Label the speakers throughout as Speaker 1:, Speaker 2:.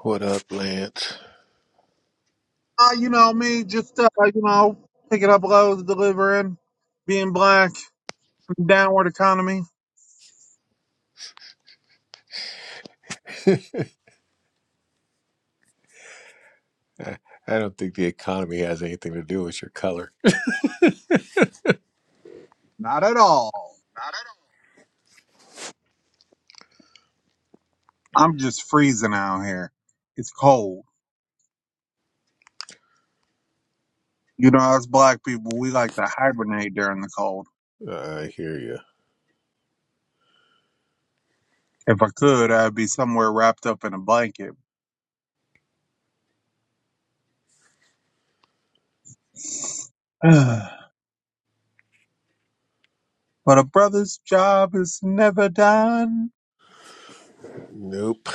Speaker 1: What up, Lance?
Speaker 2: Uh, you know me, just uh, you know, picking up loads, delivering, being black, downward economy.
Speaker 1: I, I don't think the economy has anything to do with your color.
Speaker 2: Not at all. I'm just freezing out here. It's cold. You know, us black people, we like to hibernate during the cold.
Speaker 1: Uh, I hear you.
Speaker 2: If I could, I'd be somewhere wrapped up in a blanket. but a brother's job is never done.
Speaker 1: Nope.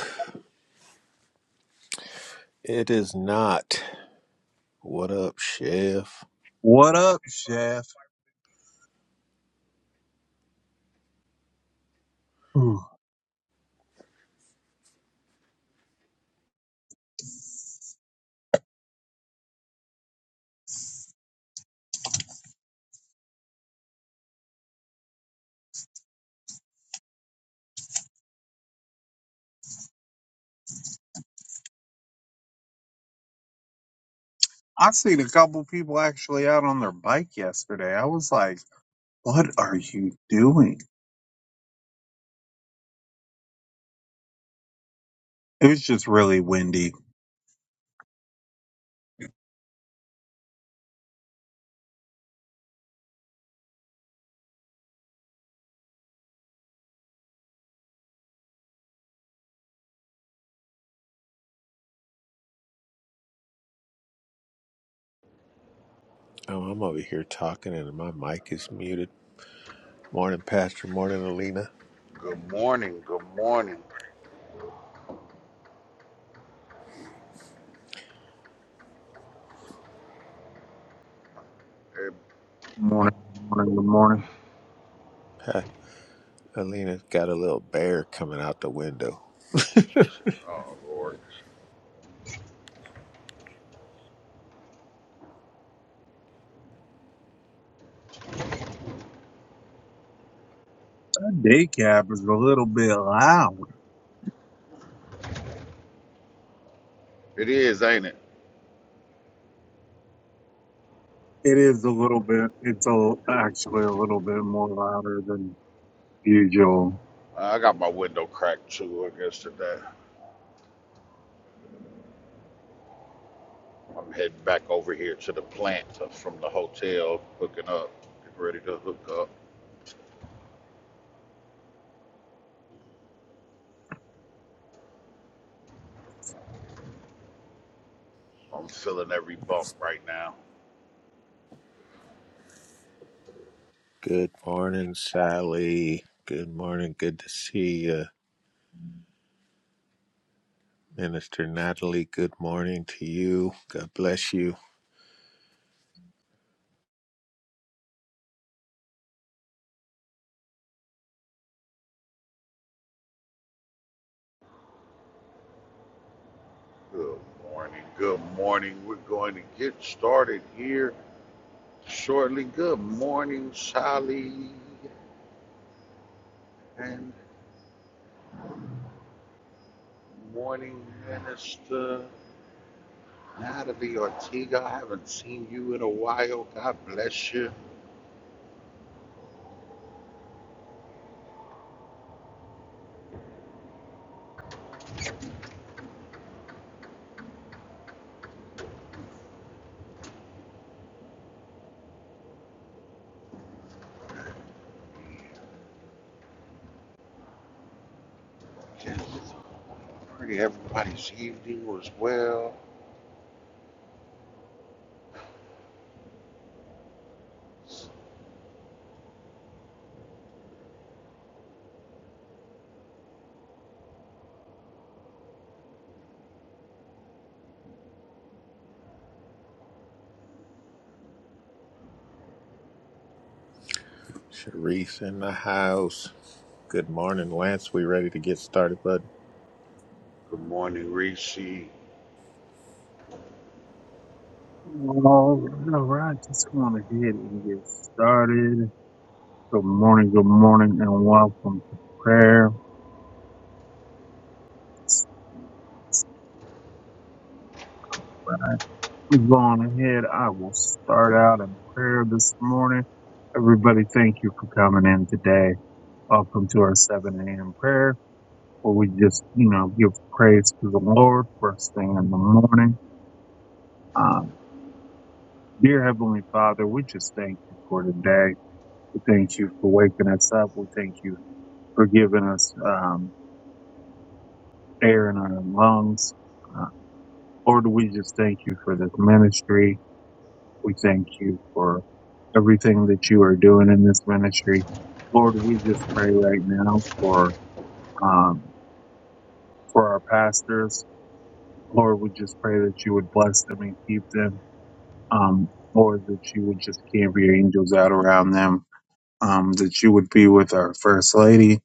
Speaker 1: It is not. What up, Chef?
Speaker 2: What up, chef? Ooh. I seen a couple people actually out on their bike yesterday. I was like, "What are you doing?" It was just really windy.
Speaker 1: Oh, I'm over here talking and my mic is muted. Morning, Pastor. Morning, Alina.
Speaker 3: Good morning. Good morning. Every-
Speaker 2: Morning, morning, good morning.
Speaker 1: Ha, Alina's got a little bear coming out the window.
Speaker 3: Oh Lord,
Speaker 2: That day cab is a little bit loud.
Speaker 3: it is, ain't it?
Speaker 2: It is a little bit. It's a, actually a little bit more louder than usual.
Speaker 3: I got my window cracked too. I guess today I'm heading back over here to the plant from the hotel, hooking up, getting ready to hook up. I'm feeling every bump right now.
Speaker 1: Good morning, Sally. Good morning. Good to see you. Minister Natalie, good morning to you. God bless you.
Speaker 3: Good morning. Good morning. We're going to get started here shortly. Good morning, Sally, and morning, Minister. Natalie Ortega, I haven't seen you in a while. God bless you. And pray everybody's evening was well.
Speaker 1: Sharice in the house. Good morning, Lance. We ready to get started, bud?
Speaker 3: Good morning, Reese.
Speaker 2: All right, just want to hit and get started. Good morning, good morning, and welcome to prayer. We go on ahead. I will start out in prayer this morning. Everybody, thank you for coming in today. Welcome to our 7 a.m. prayer. where we just, you know, give praise to the Lord first thing in the morning. Uh, dear Heavenly Father, we just thank you for today. We thank you for waking us up. We thank you for giving us um, air in our lungs. Uh, Lord, we just thank you for this ministry. We thank you for everything that you are doing in this ministry. Lord, we just pray right now for um, for our pastors. Lord, we just pray that you would bless them and keep them. um, or that you would just camp your angels out around them, um, that you would be with our First Lady.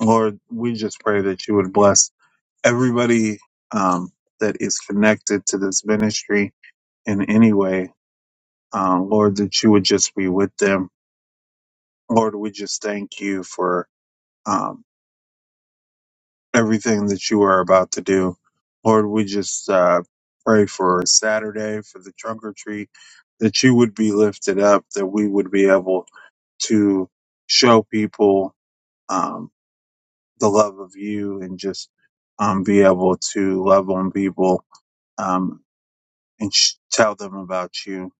Speaker 2: Lord, we just pray that you would bless everybody um, that is connected to this ministry in any way. Um, Lord, that you would just be with them. Lord, we just thank you for um, everything that you are about to do. Lord, we just uh, pray for Saturday, for the trunk or treat, that you would be lifted up, that we would be able to show people um, the love of you and just um, be able to love on people um, and sh- tell them about you.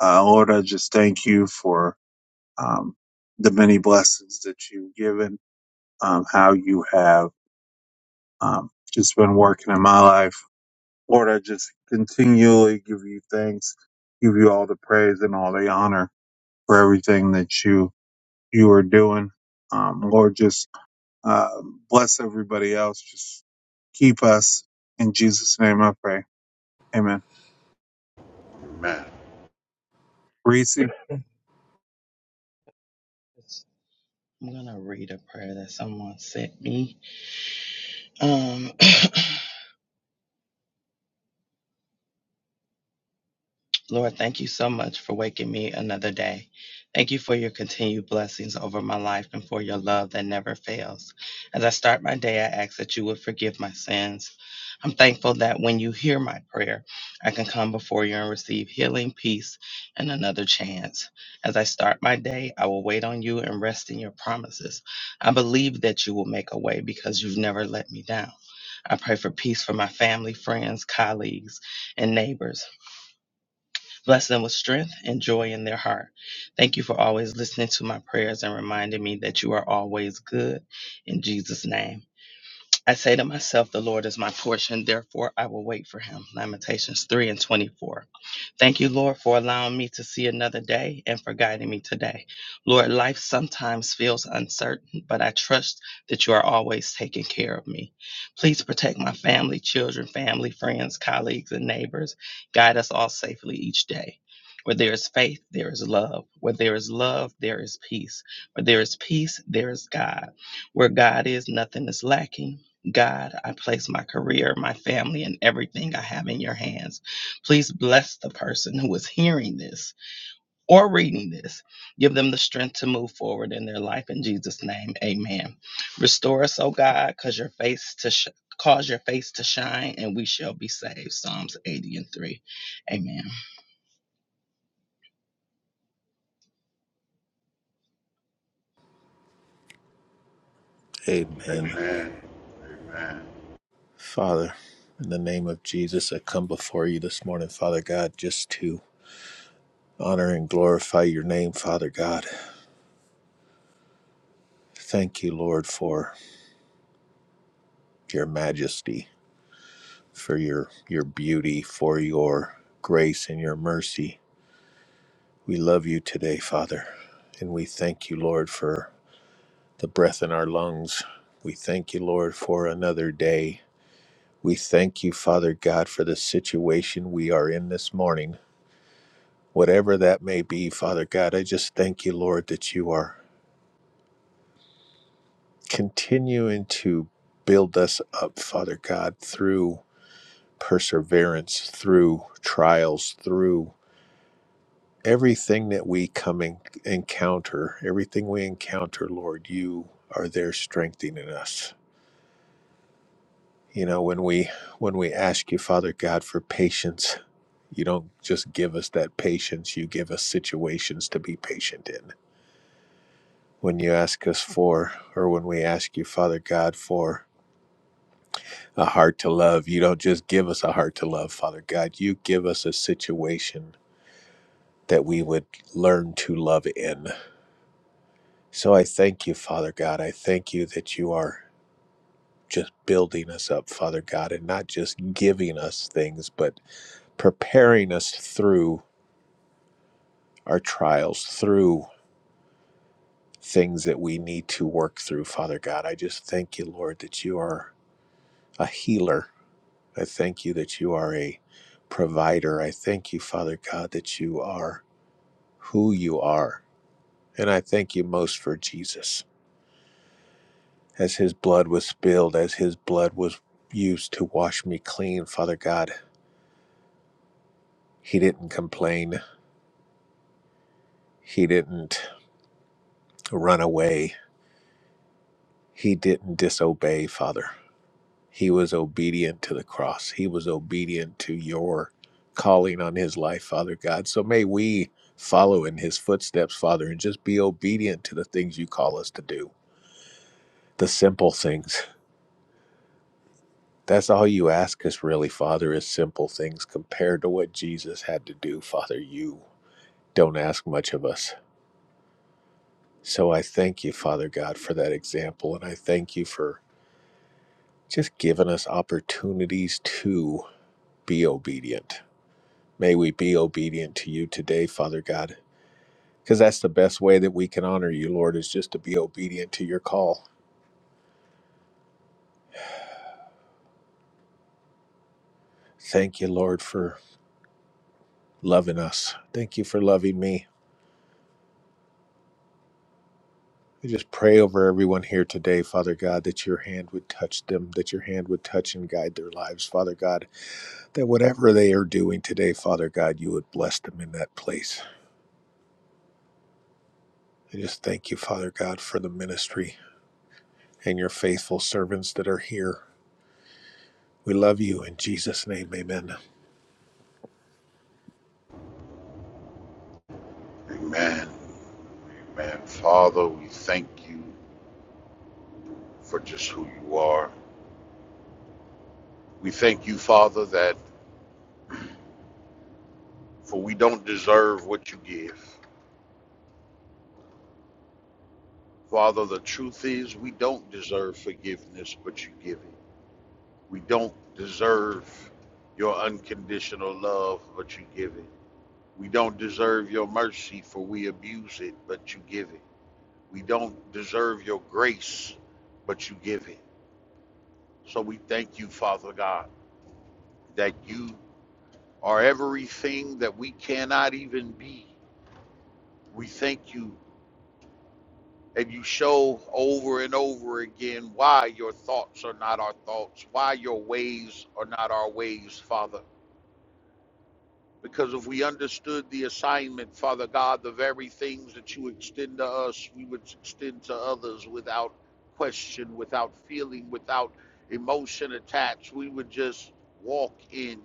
Speaker 2: Uh, Lord, I just thank you for um, the many blessings that you've given, um, how you have um, just been working in my life. Lord, I just continually give you thanks, give you all the praise and all the honor for everything that you you are doing. Um, Lord, just Um, bless everybody else. Just keep us. In Jesus' name I pray. Amen.
Speaker 3: Amen.
Speaker 2: Reese.
Speaker 4: Yes. I'm going to read a prayer that someone sent me. Um, Lord, thank you so much for waking me another day. Thank you for your continued blessings over my life and for your love that never fails. As I start my day, I ask that you would forgive my sins. I'm thankful that when you hear my prayer, I can come before you and receive healing, peace, and another chance. As I start my day, I will wait on you and rest in your promises. I believe that you will make a way because you've never let me down. I pray for peace for my family, friends, colleagues, and neighbors. Bless them with strength and joy in their heart. Thank you for always listening to my prayers and reminding me that you are always good. In Jesus' name. I say to myself, The Lord is my portion, therefore I will wait for him. Lamentations 3 and 24. Thank you, Lord, for allowing me to see another day and for guiding me today. Lord, life sometimes feels uncertain, but I trust that you are always taking care of me. Please protect my family, children, family, friends, colleagues, and neighbors. Guide us all safely each day. Where there is faith, there is love. Where there is love, there is peace. Where there is peace, there is God. Where God is, nothing is lacking. God, I place my career, my family, and everything I have in your hands. Please bless the person who is hearing this or reading this. Give them the strength to move forward in their life in Jesus' name. Amen. Restore us, O God, cause your face to sh- cause your face to shine, and we shall be saved. Psalms 80 and 3. Amen.
Speaker 1: Amen.
Speaker 3: Amen. Amen.
Speaker 1: Father, in the name of Jesus, I come before you this morning, Father God, just to honor and glorify your name, Father God. Thank you, Lord, for your majesty, for your your beauty, for your grace and your mercy. We love you today, Father, and we thank you, Lord, for the breath in our lungs. We thank you, Lord, for another day We thank you, Father God, for the situation we are in this morning. Whatever that may be, Father God, I just thank you, Lord, that you are continuing to build us up, Father God, through perseverance, through trials, through everything that we come in, encounter, everything we encounter, Lord, you are there strengthening us. You know, when we when we ask you, Father God, for patience, You don't just give us that patience, you give us situations to be patient in. When you ask us for, or when we ask you, Father God, for a heart to love, you don't just give us a heart to love, Father God. You give us a situation that we would learn to love in. So I thank you, Father God. I thank you that you are just building us up, Father God, and not just giving us things, but preparing us through our trials, through things that we need to work through, Father God. I just thank you, Lord, that you are a healer. I thank you that you are a provider. I thank you, Father God, that you are who you are. And I thank you most for Jesus. As his blood was spilled, as his blood was used to wash me clean, Father God, he didn't complain. He didn't run away. He didn't disobey, Father. He was obedient to the cross. He was obedient to your calling on his life, Father God. So may we follow in his footsteps, Father, and just be obedient to the things you call us to do, the simple things. That's all you ask us, really, Father, is simple things compared to what Jesus had to do, Father. You don't ask much of us. So I thank you, Father God, for that example. And I thank you for just giving us opportunities to be obedient May we be obedient to you today, Father God, because that's the best way that we can honor you, Lord, is just to be obedient to your call. Thank you, Lord, for loving us. Thank you for loving me. We just pray over everyone here today, Father God, that your hand would touch them, that your hand would touch and guide their lives, Father God, that whatever they are doing today, Father God, you would bless them in that place. I just thank you, Father God, for the ministry and your faithful servants that are here. We love you in Jesus' name, amen.
Speaker 3: Amen. Amen. Father, we thank you for just who you are. We thank you, Father, that for we don't deserve what you give. Father, the truth is we don't deserve forgiveness, but you give it. We don't deserve your unconditional love, but you give it. We don't deserve your mercy, for we abuse it, but you give it. We don't deserve your grace, but you give it. So we thank you, Father God, that you are everything that we cannot even be. We thank you, and you show over and over again why your thoughts are not our thoughts, why your ways are not our ways, Father. Because if we understood the assignment, Father God, the very things that you extend to us, we would extend to others without question, without feeling, without emotion attached. We would just walk in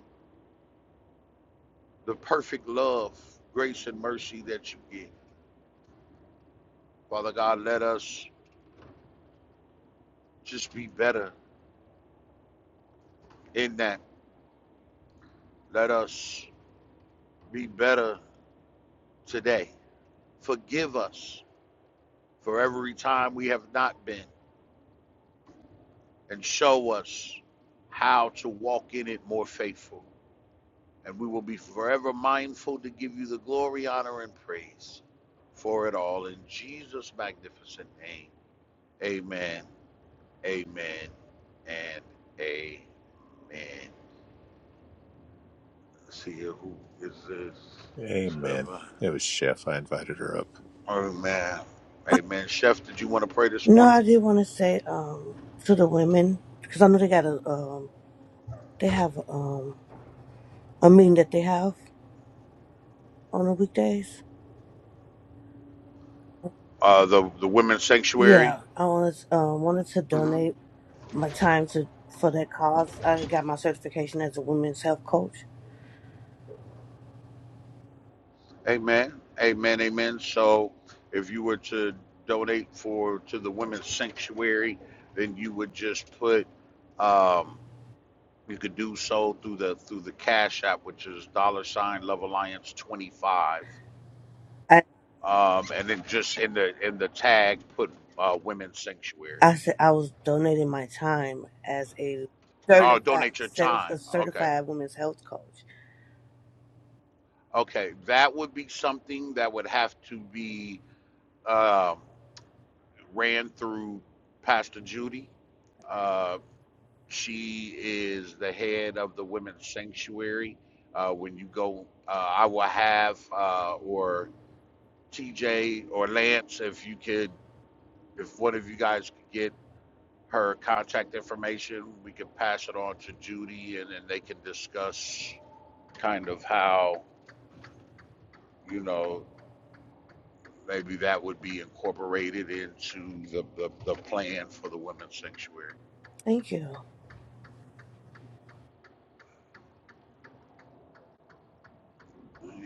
Speaker 3: the perfect love, grace, and mercy that you give. Father God, let us just be better in that. Let us be better today. Forgive us for every time we have not been. and show us how to walk in it more faithful. And we will be forever mindful to give you the glory, honor, and praise for it all. In Jesus' magnificent name. Amen. Amen. And amen. Let's see here. Who is this?
Speaker 1: Amen.
Speaker 3: Trevor.
Speaker 1: It was Chef. I invited her up.
Speaker 3: Amen. Amen. Chef, did you want to pray this
Speaker 5: No,
Speaker 3: morning?
Speaker 5: I did want to say um to the women because I know they got a um they have um a meeting that they have on the weekdays.
Speaker 3: Uh, the, the women's sanctuary?
Speaker 5: Yeah, I wanted um wanted to
Speaker 3: Mm-hmm.
Speaker 5: donate my time to for that cause. I got my certification as a women's health coach.
Speaker 3: Amen. Amen. Amen. So if you were to donate for to the women's sanctuary, then you would just put um you could do so through the through the cash app, which is dollar sign love alliance twenty five.
Speaker 5: I
Speaker 3: Um and then just in the in the tag put uh women's sanctuary.
Speaker 5: I said I was donating my time as a
Speaker 3: Oh
Speaker 5: certified
Speaker 3: donate your
Speaker 5: as
Speaker 3: time.
Speaker 5: a
Speaker 3: Okay.
Speaker 5: certified women's health coach.
Speaker 3: Okay. That would be something that would have to be um ran through Pastor Judy Uh She is the head of the women's sanctuary. Uh, when you go, uh, I will have uh, or TJ or Lance, if you could, if one of you guys could get her contact information, we can pass it on to Judy, and then they can discuss kind of how you know maybe that would be incorporated into the the, the plan for the women's sanctuary.
Speaker 5: Thank you.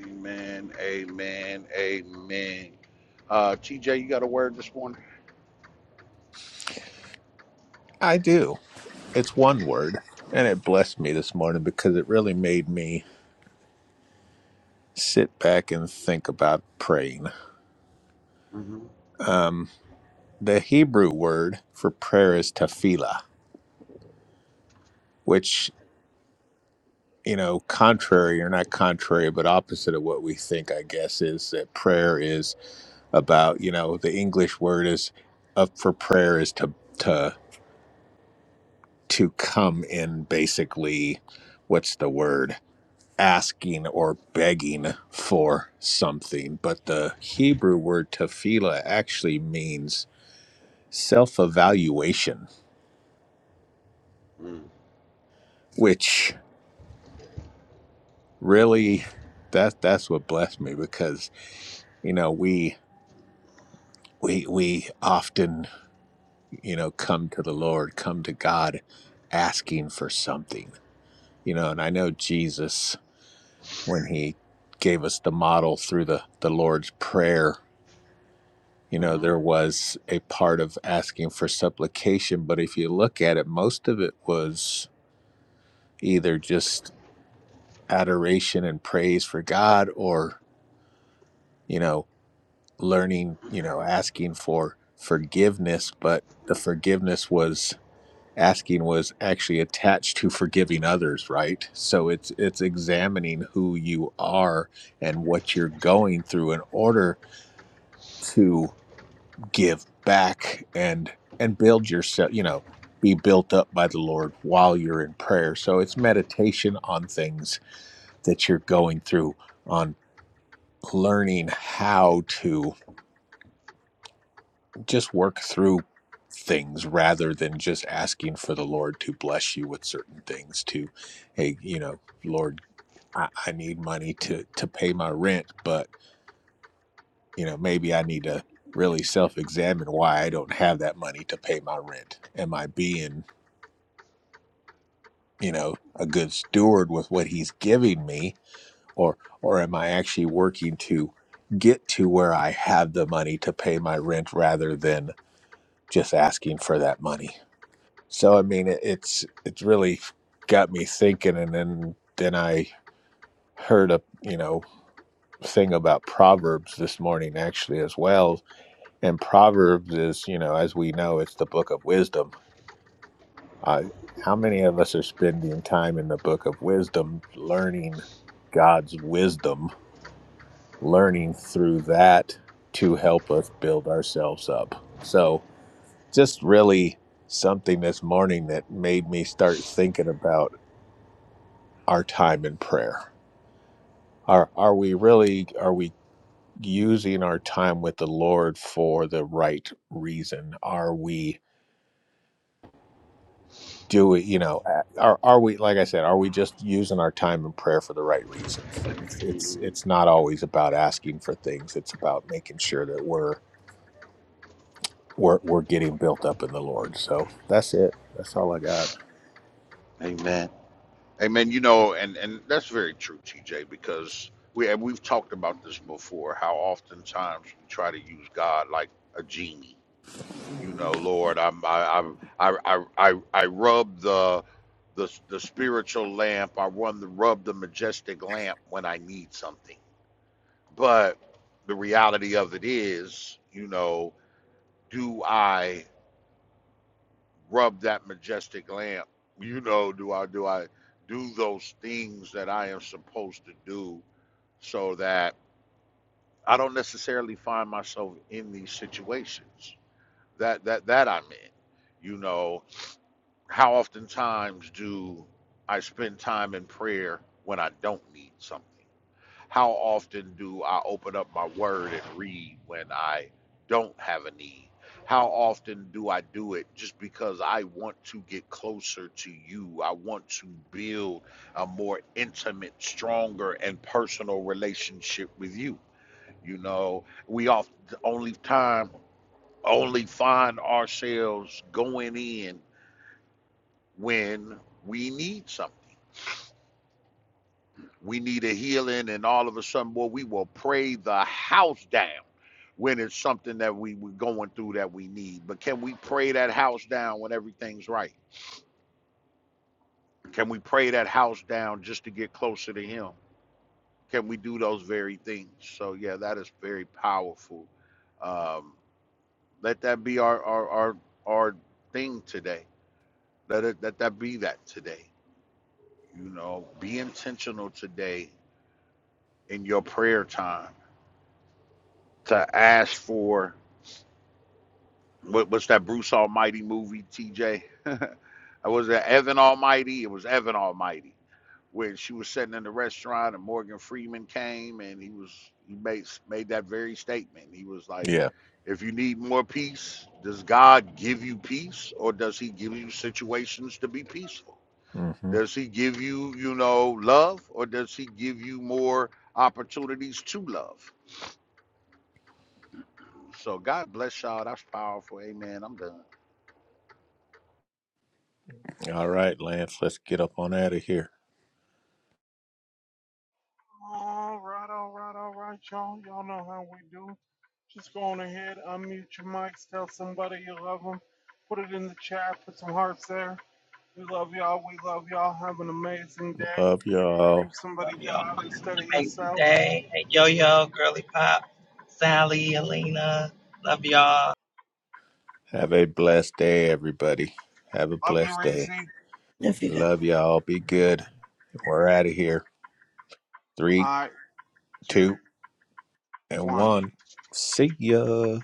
Speaker 3: Amen. Amen. Amen. Uh, TJ, you got a word this morning?
Speaker 1: I do. It's one word. And it blessed me this morning because it really made me sit back and think about praying.
Speaker 3: hmm
Speaker 1: Um, the Hebrew word for prayer is tefillah, which, you know, contrary or not contrary, but opposite of what we think, I guess, is that prayer is about, you know, the English word is up for prayer is to, to, to come in basically, what's the word? asking or begging for something, but the Hebrew word tefillah actually means self-evaluation,
Speaker 3: hmm
Speaker 1: which really that that's what blessed me because you know we we we often you know come to the Lord, come to God asking for something. You know, and I know Jesus when he gave us the model through the the Lord's prayer you know
Speaker 3: hmm
Speaker 1: there was a part of asking for supplication but if you look at it most of it was either just adoration and praise for god or you know learning you know asking for forgiveness but the forgiveness was asking was actually attached to forgiving others right so it's it's examining who you are and what you're going through in order to give back and and build yourself you know be built up by the lord while you're in prayer so it's meditation on things that you're going through on learning how to just work through things rather than just asking for the lord to bless you with certain things to hey you know lord i, I need money to to pay my rent but you know maybe i need to really self-examine why i don't have that money to pay my rent am i being you know a good steward with what he's giving me or or am i actually working to get to where i have the money to pay my rent rather than just asking for that money so i mean it, it's it's really got me thinking and then then i heard a you know thing about proverbs this morning actually as well and proverbs is you know as we know it's the book of wisdom Uh, how many of us are spending time in the book of wisdom, learning God's wisdom, learning through that to help us build ourselves up? So, just really something this morning that made me start thinking about our time in prayer. Are, are we really, are we using our time with the Lord for the right reason? Are we do we you know uh, are are we like i said are we just using our time in prayer for the right reasons it's it's it's not always about asking for things it's about making sure that we're we're we're getting built up in the lord so that's it that's all i got
Speaker 3: Amen. Amen. You know, and and that's very true, TJ, because we and we've talked about this before. How oftentimes we try to use God like a genie. You know, Lord, I'm I I'm, I I I I rub the the the spiritual lamp. I run the rub the majestic lamp when I need something. But the reality of it is, you know, do I rub that majestic lamp? You know, do I do I do those things that I am supposed to do so that I don't necessarily find myself in these situations that that that I'm in? You know, how oftentimes do I spend time in prayer when I don't need something? How often do I open up my word and read when I don't have a need? How often do I do it just because I want to get closer to you? I want to build a more intimate, stronger, and personal relationship with you. You know, we often only time only find ourselves going in when we need something we need a healing and all of a sudden boy we will pray the house down when it's something that we were going through that we need but can we pray that house down when everything's right can we pray that house down just to get closer to him can we do those very things so yeah that is very powerful um, let that be our our our, our thing today let it let that be that today you know be intentional today in your prayer time to ask for What, what's that Bruce Almighty movie, TJ? was at Evan Almighty. It was Evan Almighty where she was sitting in the restaurant and Morgan Freeman came and he was he made made that very statement. He was like,
Speaker 1: yeah
Speaker 3: if you need more peace, does God give you peace or does he give you situations to be peaceful?
Speaker 1: hmm
Speaker 3: Does he give you, you know, love or does he give you more opportunities to love? So God bless y'all. That's powerful. Amen. I'm done.
Speaker 1: all right lance let's get up on out of here
Speaker 2: All right, all right, all right, y'all. Y'all know how we do. Just go on ahead, unmute your mics, tell somebody you love them. Put love 'em.
Speaker 1: love y'all
Speaker 4: Love y'all. Make Day, hey Yo Yo, Girly Pop, Sally, Alina, love y'all.
Speaker 1: have a blessed day everybody have a blessed day
Speaker 5: You're
Speaker 1: love y'all be good we're out of here three two and one see ya